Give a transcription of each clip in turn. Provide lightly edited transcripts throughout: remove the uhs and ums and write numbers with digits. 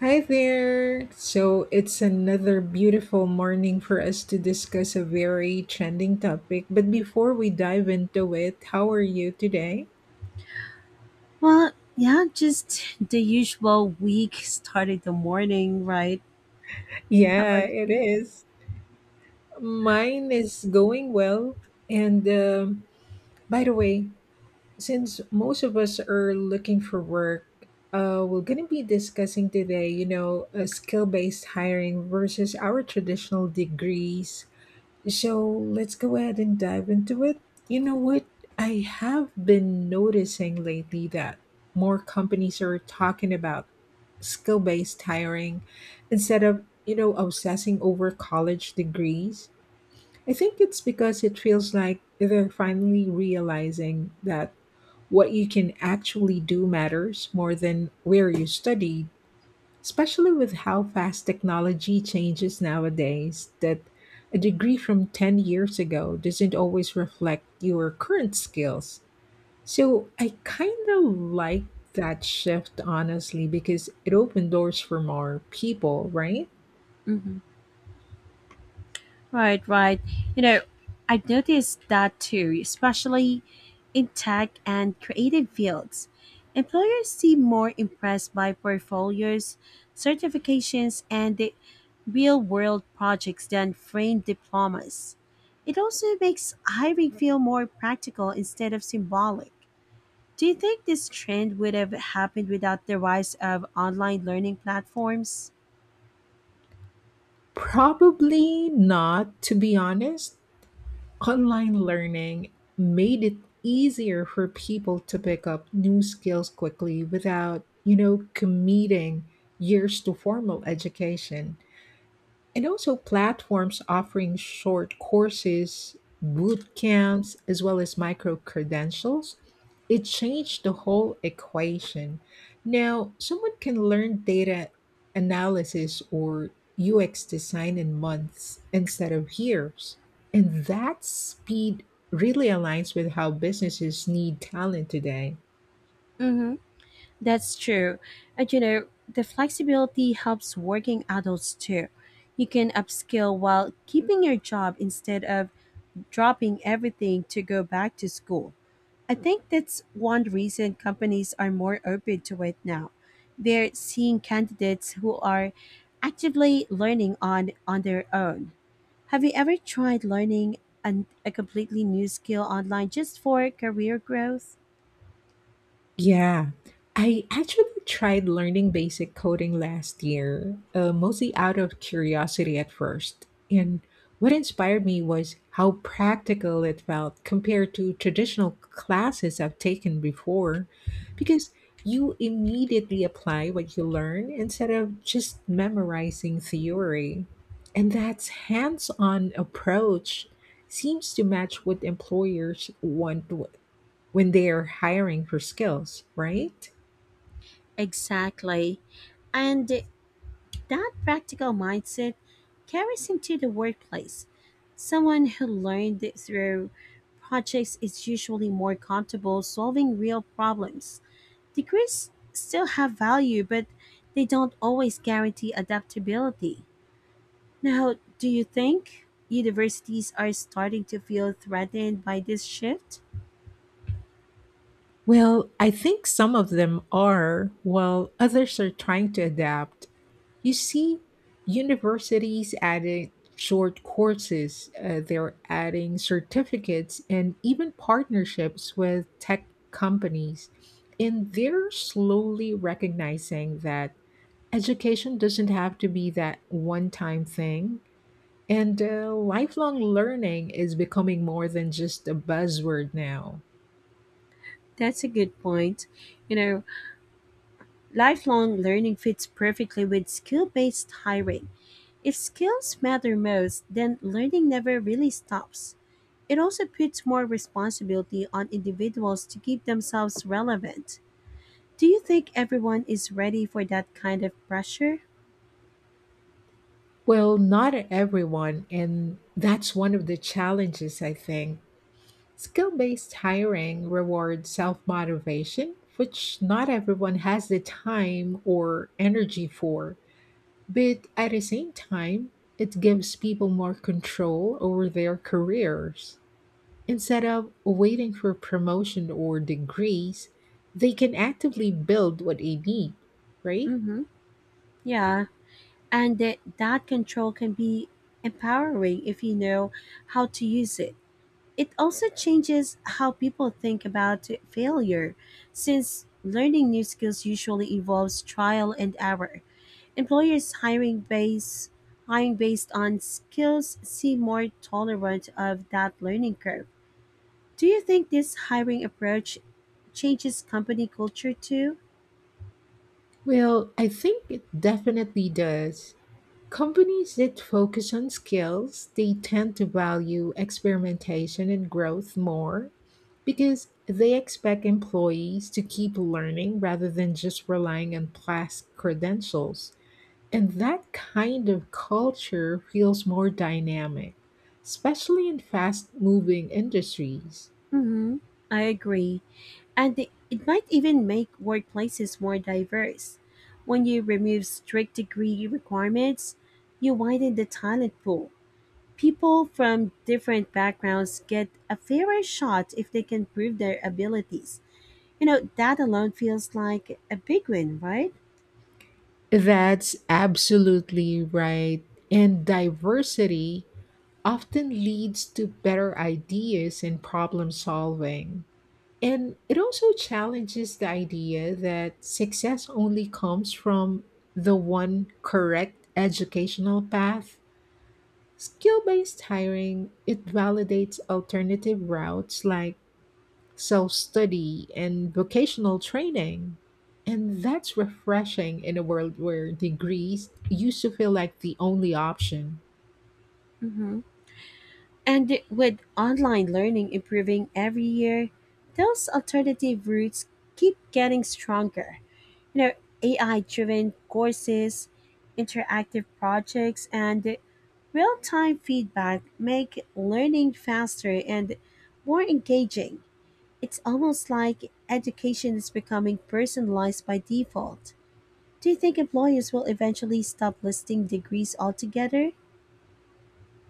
Hi there. So it's another beautiful morning for us to discuss a very trending topic. But before we dive into it, how are you today? Well, yeah, just the usual. Week started the morning, right? How Yeah, about it you? is. Mine is going well. And by the way, since most of us are looking for work, we're going to be discussing today, a skill based hiring versus our traditional degrees. So let's go ahead and dive into it. You know what? I have been noticing lately that more companies are talking about skill based hiring instead of, obsessing over college degrees. I think it's because it feels like they're finally realizing that what you can actually do matters more than where you studied, especially with how fast technology changes nowadays, that a degree from 10 years ago doesn't always reflect your current skills. So I kind of like that shift, honestly, because it opened doors for more people, right? hmm Right, right. You know, I noticed that too, especially in tech and creative fields. Employers seem more impressed by portfolios, certifications, and the real world projects than framed diplomas. It also makes hiring feel more practical instead of symbolic. Do you think this trend would have happened without the rise of online learning platforms? Probably not, to be honest. Online learning made it easier for people to pick up new skills quickly without, committing years to formal education, and also platforms offering short courses, boot camps, as well as micro credentials, it changed the whole equation. Now, someone can learn data analysis or UX design in months instead of years. And that speed really aligns with how businesses need talent today. Mm-hmm. That's true. And you know, the flexibility helps working adults too. You can upskill while keeping your job instead of dropping everything to go back to school. I think that's one reason companies are more open to it now. They're seeing candidates who are actively learning on their own. Have you ever tried learning a completely new skill online just for career growth? Yeah, I actually tried learning basic coding last year, mostly out of curiosity at first. And what inspired me was how practical it felt compared to traditional classes I've taken before, because you immediately apply what you learn instead of just memorizing theory. And that hands on approach seems to match what employers want when they are hiring for skills, right? Exactly. And that practical mindset carries into the workplace. Someone who learned through projects is usually more comfortable solving real problems. Degrees still have value, but they don't always guarantee adaptability. Now, do you think universities are starting to feel threatened by this shift? Well, I think some of them are, while others are trying to adapt. You see, universities adding short courses, they're adding certificates and even partnerships with tech companies. And they're slowly recognizing that education doesn't have to be that one time thing. And lifelong learning is becoming more than just a buzzword now. That's a good point. You know, lifelong learning fits perfectly with skill based hiring. If skills matter most, then learning never really stops. It also puts more responsibility on individuals to keep themselves relevant. Do you think everyone is ready for that kind of pressure? Well, not everyone, and that's one of the challenges, I think. Skill based hiring rewards self motivation, which not everyone has the time or energy for. But at the same time, it gives people more control over their careers. Instead of waiting for promotion or degrees, they can actively build what they need, right? Mm-hmm. Yeah. And that control can be empowering if you know how to use it. It also changes how people think about failure, since learning new skills usually involves trial and error. Employers hiring based on skills seem more tolerant of that learning curve. Do you think this hiring approach changes company culture too? Well, I think it definitely does. Companies that focus on skills, they tend to value experimentation and growth more because they expect employees to keep learning rather than just relying on past credentials. And that kind of culture feels more dynamic, especially in fast moving industries. Mm-hmm. I agree. And it might even make workplaces more diverse. When you remove strict degree requirements, you widen the talent pool. People from different backgrounds get a fairer shot if they can prove their abilities. You know, that alone feels like a big win, right? That's absolutely right. And diversity often leads to better ideas and problem solving. And it also challenges the idea that success only comes from the one correct educational path. Skill based hiring, it validates alternative routes like self study, and vocational training. And that's refreshing in a world where degrees used to feel like the only option. hmm And with online learning improving every year, those alternative routes keep getting stronger. You know, AI driven courses, interactive projects, and real time feedback make learning faster and more engaging. It's almost like education is becoming personalized by default. Do you think employers will eventually stop listing degrees altogether?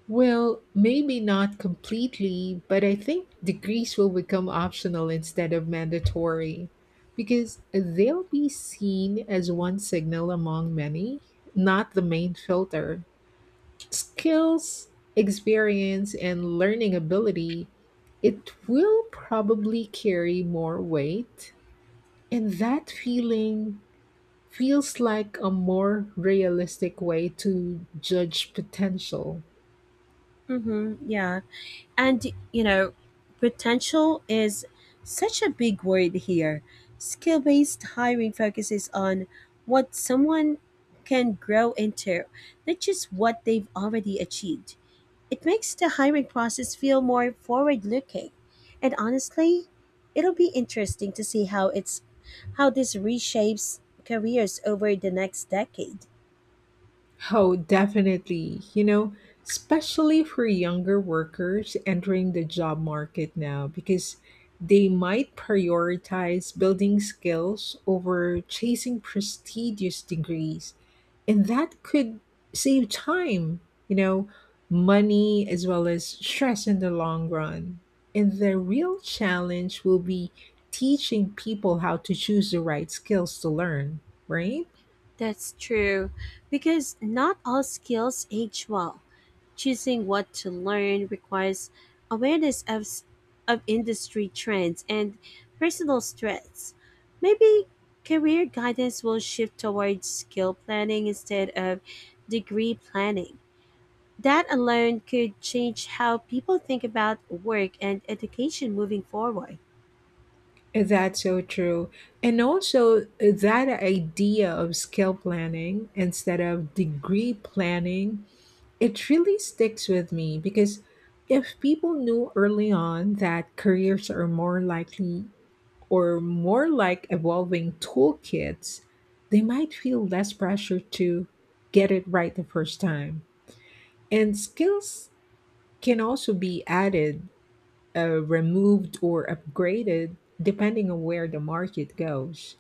Well, maybe not completely, but I think degrees will become optional instead of mandatory because they'll be seen as one signal among many, not the main filter. Skills, experience, and learning ability, it will probably carry more weight. And that feeling feels like a more realistic way to judge potential. Mm-hmm, yeah. And you know, potential is such a big word here. Skill based hiring focuses on what someone can grow into, not just what they've already achieved. It makes the hiring process feel more forward looking. And honestly, it'll be interesting to see how this reshapes careers over the next decade. Oh, definitely. You know, especially for younger workers entering the job market now, because they might prioritize building skills over chasing prestigious degrees. And that could save time, you know, money, as well as stress in the long run. And the real challenge will be teaching people how to choose the right skills to learn, right? That's true, because not all skills age well. Choosing what to learn requires awareness of, of industry trends and personal strengths. Maybe career guidance will shift towards skill planning instead of degree planning. That alone could change how people think about work and education moving forward. That's so true. And also, that idea of skill planning instead of degree planning, it really sticks with me because if people knew early on that careers are more likely or more like evolving toolkits, they might feel less pressure to get it right the first time. And skills can also be added, removed or upgraded depending on where the market goes.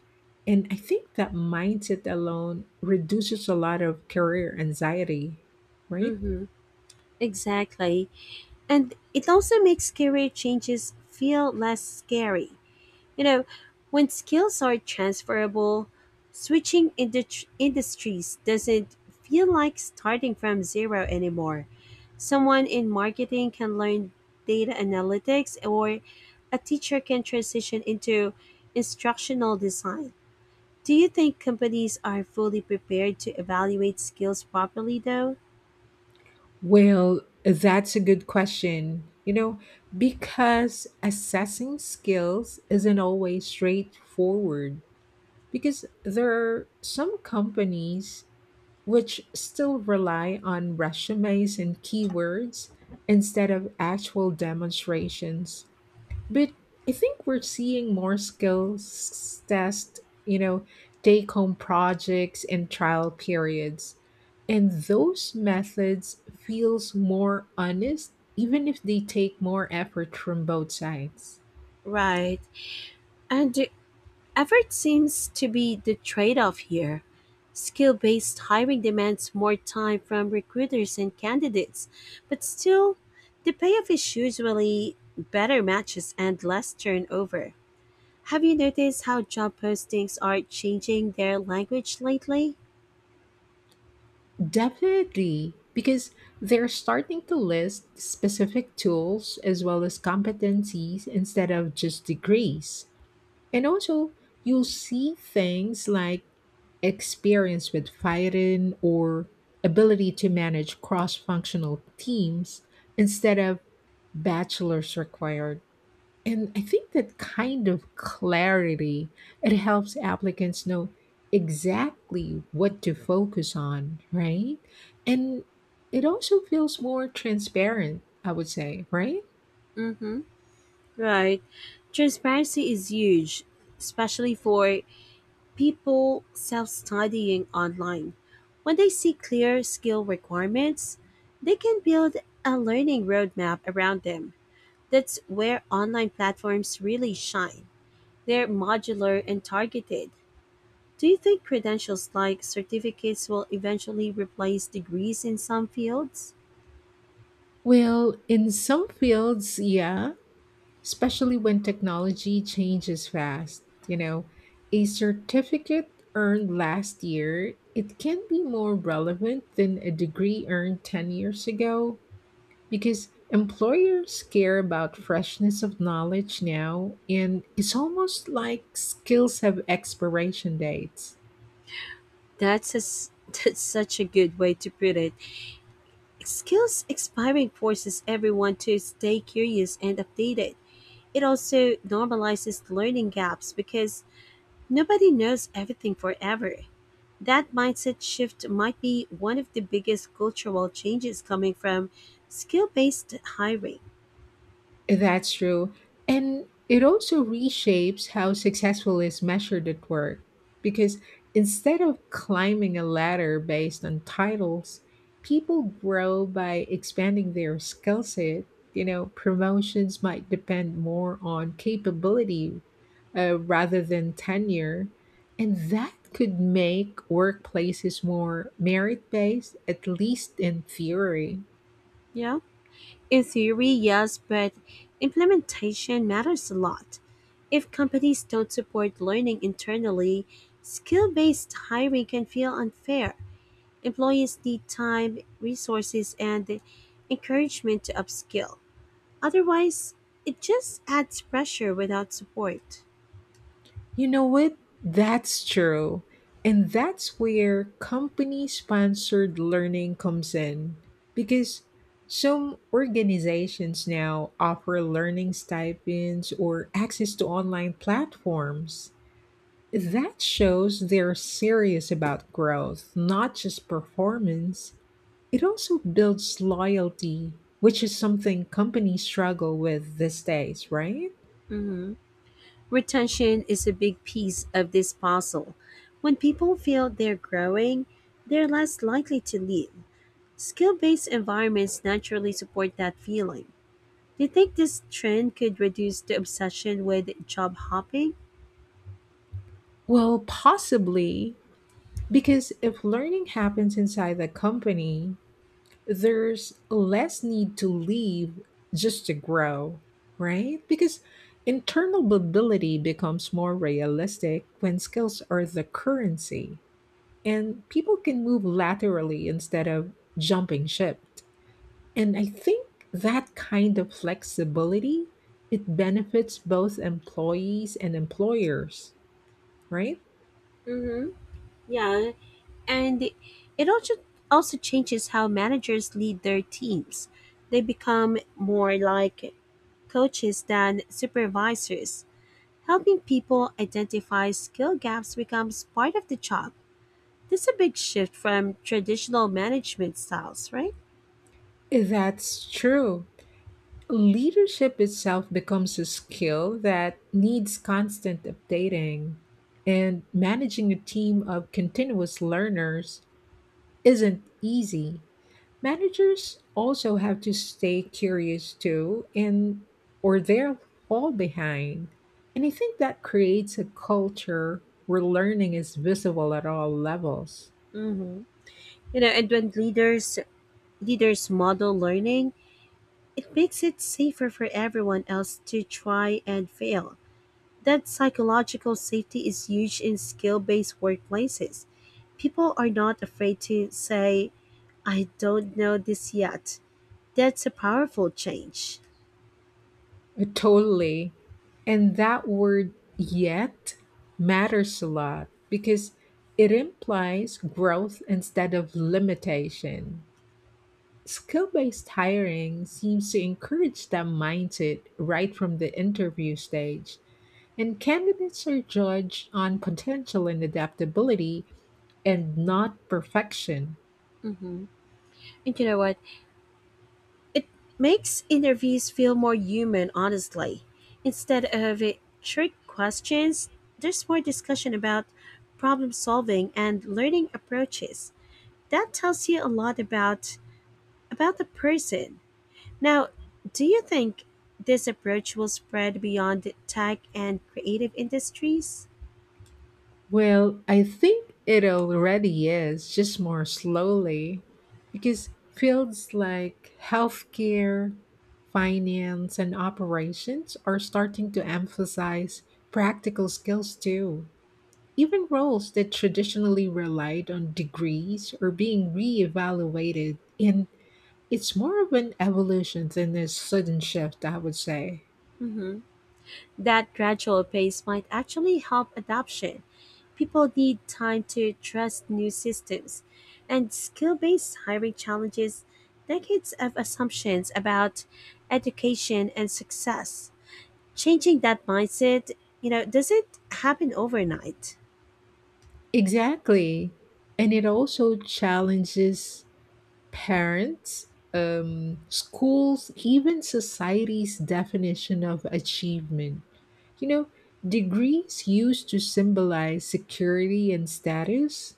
And I think that mindset alone reduces a lot of career anxiety, right? Mm-hmm. Exactly. And it also makes career changes feel less scary. You know, when skills are transferable, industries doesn't feel like starting from zero anymore. Someone in marketing can learn data analytics, or a teacher can transition into instructional design. Do you think companies are fully prepared to evaluate skills properly, though? Well, that's a good question. Because assessing skills isn't always straightforward, because there are some companies which still rely on resumes and keywords instead of actual demonstrations. But I think we're seeing more skills test, you know, take home projects and trial periods. And those methods feels more honest even if they take more effort from both sides. Right. And effort seems to be the trade off here. Skill based hiring demands more time from recruiters and candidates, but still, the payoff is usually better matches and less turnover. Have you noticed how job postings are changing their language lately? Definitely, because they're starting to list specific tools as well as competencies instead of just degrees. And also, you'll see things like experience with firing or ability to manage cross functional teams instead of bachelor's required. And I think that kind of clarity it helps applicants know exactly what to focus on, right? And it also feels more transparent, I would say, right? Mm-hmm. Right. Transparency is huge, especially for people self-studying online. When they see clear skill requirements, they can build a learning roadmap around them. That's where online platforms really shine. They're modular and targeted. Do you think credentials like certificates will eventually replace degrees in some fields? Well, in some fields, yeah, especially when technology changes fast. A certificate earned last year, it can be more relevant than a degree earned 10 years ago because employers care about freshness of knowledge now and it's almost like skills have expiration dates. That's a s That's such a good way to put it. Skills expiring forces everyone to stay curious and updated. It also normalizes learning gaps because nobody knows everything forever. That mindset shift might be one of the biggest cultural changes coming from skill based hiring. That's true. And it also reshapes how successful is measured at work. Because instead of climbing a ladder based on titles, people grow by expanding their skill set. Promotions might depend more on capability, rather than tenure. And that could make workplaces more merit based, at least in theory. You know? In theory, yes, but implementation matters a lot. If companies don't support learning internally, skill based hiring can feel unfair. Employees need time, resources, and encouragement to upskill. Otherwise, it just adds pressure without support. You know what? That's true. And that's where company sponsored learning comes in because some organizations now offer learning stipends or access to online platforms. That shows they're serious about growth, not just performance. It also builds loyalty, which is something companies struggle with these days, right? Mhm. Retention is a big piece of this puzzle. When people feel they're growing, they're less likely to leave. Skill based environments naturally support that feeling. Do you think this trend could reduce the obsession with job hopping? Well, possibly, because if learning happens inside the company, there's less need to leave just to grow, right? Because internal mobility becomes more realistic when skills are the currency and people can move laterally instead of jumping ship. And I think that kind of flexibility it benefits both employees and employers, right? hmm Yeah, and it also changes how managers lead their teams. They become more like coaches than supervisors. Helping people identify skill gaps becomes part of the job. This is a big shift from traditional management styles, right? That's true. Leadership itself becomes a skill that needs constant updating, and managing a team of continuous learners isn't easy. Managers also have to stay curious too, and or they'll fall behind. And I think that creates a culture where learning is visible at all levels. Mm-hmm. You know, and when leaders model learning, it makes it safer for everyone else to try and fail. That psychological safety is huge in skill-based workplaces. People are not afraid to say, I don't know this yet. That's a powerful change. Totally. And that word yet matters a lot because it implies growth instead of limitation. Skill based hiring seems to encourage that mindset right from the interview stage, and candidates are judged on potential and adaptability and not perfection. Mhm. And you know what? It makes interviews feel more human, honestly. Instead of trick questions, there's more discussion about problem solving and learning approaches. That tells you a lot about the person. Now, do you think this approach will spread beyond tech and creative industries? Well, I think it already is, just more slowly, because fields like healthcare, finance, and operations are starting to emphasize practical skills too. Even roles that traditionally relied on degrees are being reevaluated, and it's more of an evolution than a sudden shift, I would say. Mm-hmm. That gradual pace might actually help adoption. People need time to trust new systems, and skill based hiring challenges decades of assumptions about education and success. Changing that mindset, you know, doesn't happen overnight. Exactly. And it also challenges parents, schools, even society's definition of achievement. You know, Degrees used to symbolize security and status.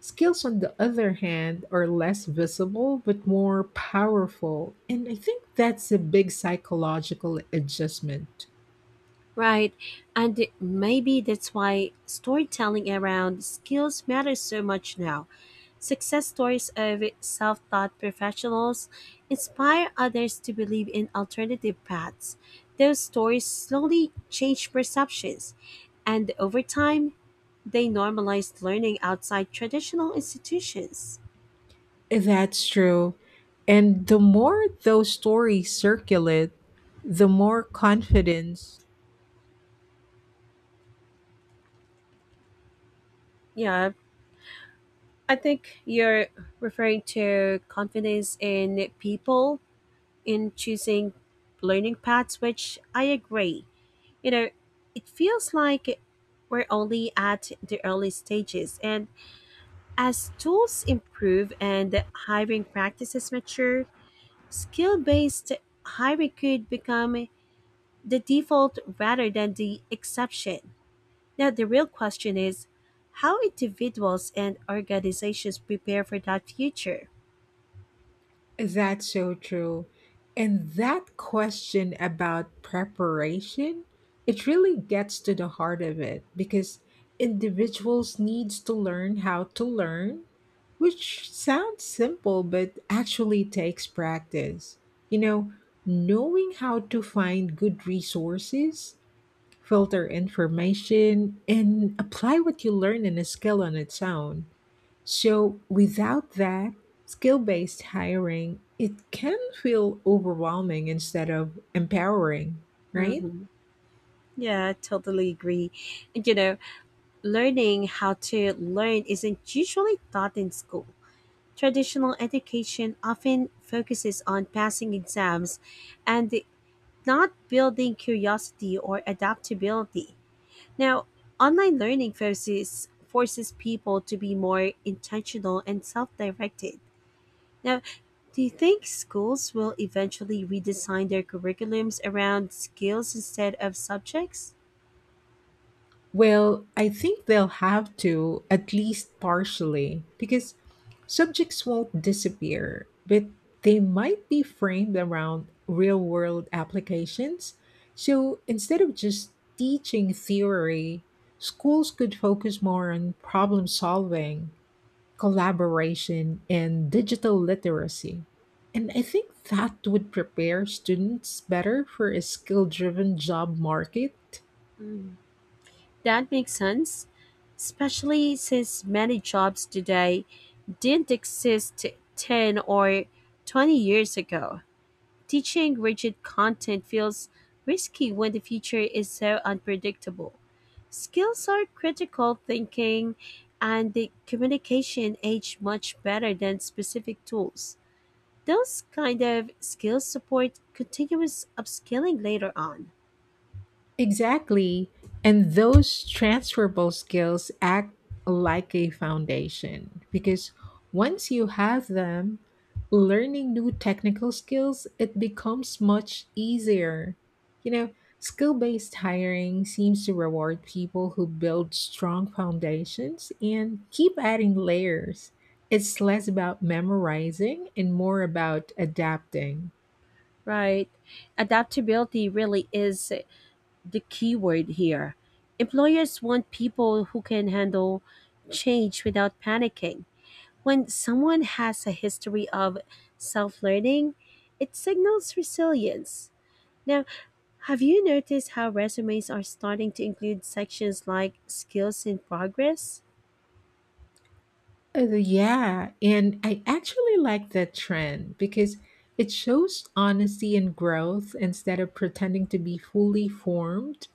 Skills, on the other hand, are less visible but more powerful. And I think that's a big psychological adjustment. Right. And maybe that's why storytelling around skills matters so much now. Success stories of self taught professionals inspire others to believe in alternative paths. Those stories slowly change perceptions, and over time, they normalize learning outside traditional institutions. That's true. And the more those stories circulate, the more confidence. Yeah, I think you're referring to confidence in people in choosing learning paths, which I agree. You know, it feels like we're only at the early stages, and as tools improve and hiring practices mature, skill based hiring could become the default rather than the exception. Now, the real question is how individuals and organizations prepare for that future. That's so true. And that question about preparation, it really gets to the heart of it because individuals needs to learn how to learn, which sounds simple but actually takes practice. You know, Knowing how to find good resources, filter information and apply what you learn in a skill on its own, so without that skill-based hiring, it can feel overwhelming instead of empowering, right? hmm Yeah, I totally agree. And, you know, learning how to learn isn't usually taught in school. Traditional education often focuses on passing exams and not building curiosity or adaptability. Now, online learning forces forces people to be more intentional and self-directed. Now, do you think schools will eventually redesign their curriculums around skills instead of subjects? Well, I think they'll have to at least partially because subjects won't disappear, but they might be framed around real-world applications. So instead of just teaching theory, schools could focus more on problem solving, collaboration, and digital literacy. And I think that would prepare students better for a skill driven job market. Mm, that makes sense, especially since many jobs today didn't exist 10 or 20 years ago. Teaching rigid content feels risky when the future is so unpredictable. Skills are critical thinking and the communication age much better than specific tools. Those kind of skills support continuous upskilling later on. Exactly. And those transferable skills act like a foundation because once you have them, learning new technical skills, it becomes much easier. You know, Skill based hiring seems to reward people who build strong foundations and keep adding layers. It's less about memorizing and more about adapting. Right. Adaptability really is the key word here. Employers want people who can handle change without panicking. When someone has a history of self learning, it signals resilience. Now, have you noticed how resumes are starting to include sections like skills in progress? Yeah, and I actually like that trend because it shows honesty and growth instead of pretending to be fully formed.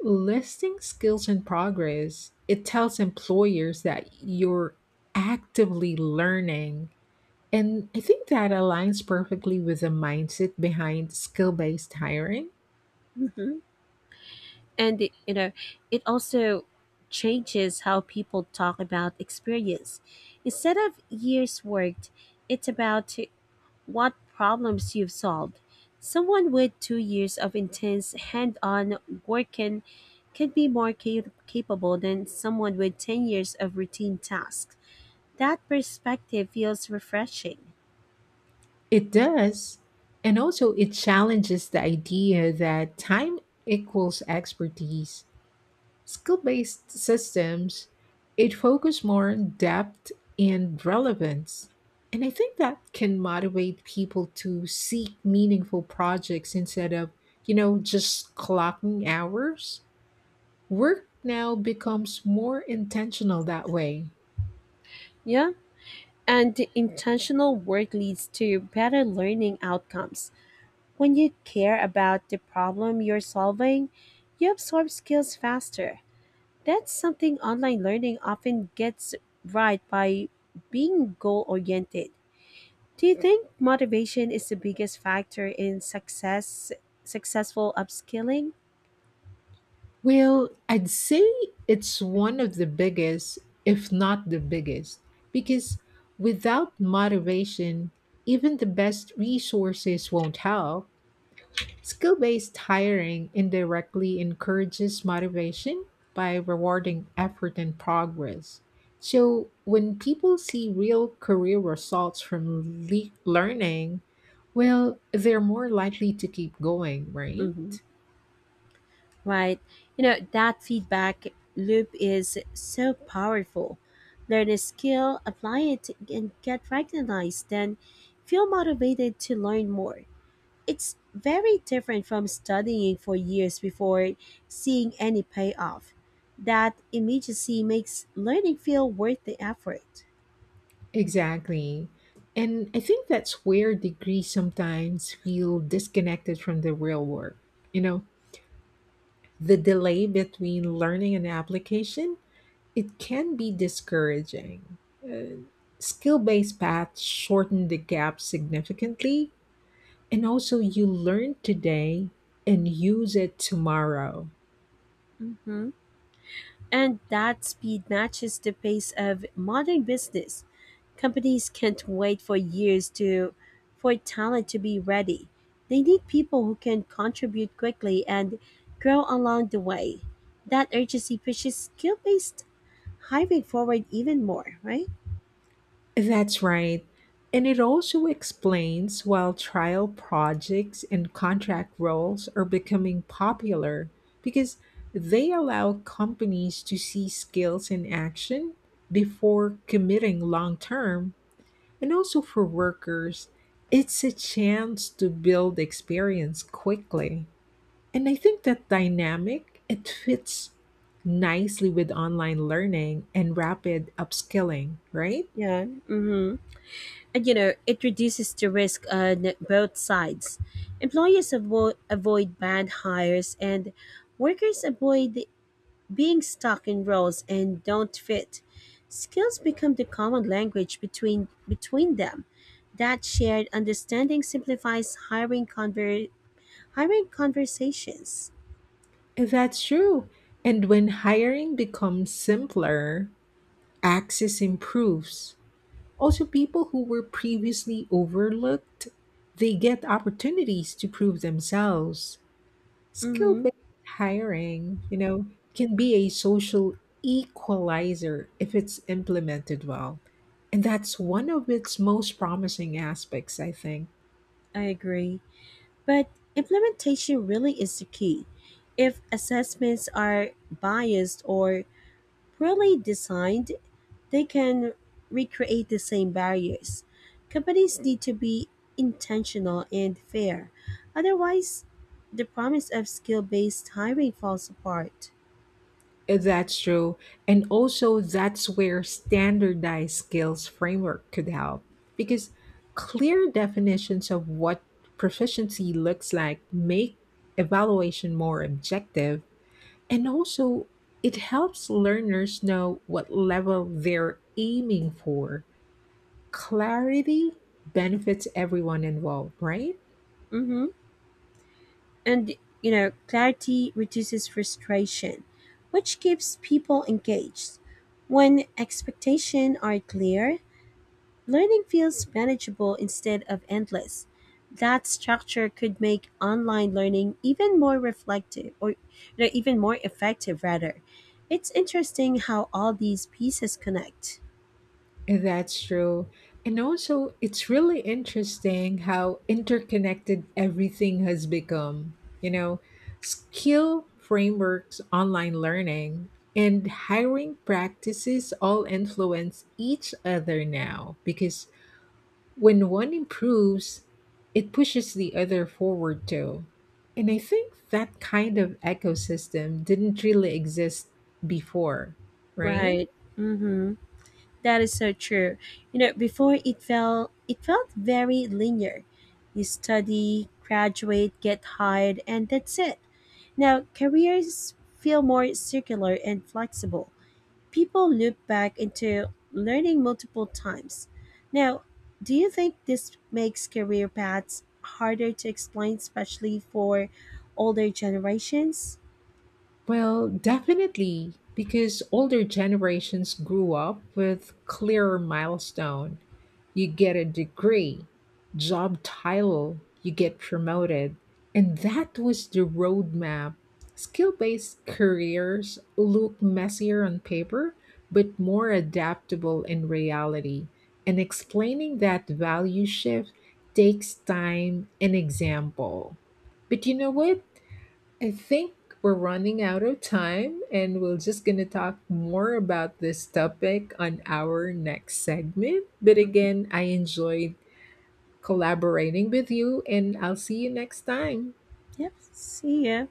Listing skills and progress, it tells employers that you're actively learning. And I think that aligns perfectly with the mindset behind skill based hiring. hmm And, you know, it also changes how people talk about experience. Instead of years worked, it's about what problems you've solved. Someone with 2 years of intense hand on work can be capable than someone with 10 years of routine tasks. That perspective feels refreshing. It does. And also, it challenges the idea that time equals expertise. Skill based systems, it focus more on depth and relevance. And I think that can motivate people to seek meaningful projects instead of, just clocking hours. Work now becomes more intentional that way. Yeah, and intentional work leads to better learning outcomes. When you care about the problem you're solving, you absorb skills faster. That's something online learning often gets right by being goal oriented. Do you think motivation is the biggest factor in success successful upskilling? Well, I'd say it's one of the biggest, if not the biggest, because without motivation, even the best resources won't help. Skill based hiring indirectly encourages motivation by rewarding effort and progress. So, when people see real career results from learning, well, they're more likely to keep going, right? hmm Right. You know, that feedback loop is so powerful. Learn a skill, apply it and get recognized, then feel motivated to learn more. It's very different from studying for years before seeing any payoff. That immediacy makes learning feel worth the effort. Exactly. And I think that's where degrees sometimes feel disconnected from the real work. You know, the delay between learning and application, it can be discouraging. Uh, Skill based paths shorten the gap significantly, and also you learn today and use it tomorrow. hmm And that speed matches the pace of modern business. Companies can't wait for talent to be ready. They need people who can contribute quickly and grow along the way. That urgency pushes skill-based hiring forward even more, right? That's right. And it also explains why trial projects and contract roles are becoming popular because they allow companies to see skills in action before committing long term. And also for workers, it's a chance to build experience quickly. And I think that dynamic, it fits nicely with online learning and rapid upskilling, right? Yeah. Mm-hmm. And you know, it reduces the risk on both sides. Employers avoid bad hires, and workers avoid being stuck in roles and don't fit. Skills become the common language between them. That shared understanding simplifies hiring conversations. That's true. And when hiring becomes simpler, access improves. Also, people who were previously overlooked, they get opportunities to prove themselves. Skill Mm-hmm, based hiring, can be a social equalizer if it's implemented well. And that's one of its most promising aspects, I think. I agree. But implementation really is the key. If assessments are biased or poorly designed, they can recreate the same barriers. Companies need to be intentional and fair. Otherwise, the promise of skill based hiring falls apart. That's true. And also, that's where standardized skills framework could help because clear definitions of what proficiency looks like make evaluation more objective. And also, it helps learners know what level they're aiming for. Clarity benefits everyone involved, right? hmm And, you know, clarity reduces frustration, which keeps people engaged. When expectations are clear, learning feels manageable instead of endless. That structure could make online learning even more reflective or you know, even more effective rather. It's interesting how all these pieces connect. That's true. And also, it's really interesting how interconnected everything has become. Skill frameworks, online learning, and hiring practices all influence each other now because when one improves, it pushes the other forward too. And I think that kind of ecosystem didn't really exist before, right? Right. Mm-hmm. That is so true. You know, before it felt very linear. You study, graduate, get hired, and that's it. Now careers feel more circular and flexible. People loop back into learning multiple times. Now, do you think this makes career paths harder to explain, especially for older generations? Well, definitely, because older generations grew up with clearer milestone. You get a degree, job title, you get promoted. And that was the roadmap. Skill-based careers look messier on paper, but more adaptable in reality. And explaining that value shift takes time and example. But you know what? I think we're running out of time, and we're just going to talk more about this topic on our next segment. But Mhm. again, I enjoyed collaborating with you, and I'll see you next time. Yep, see ya.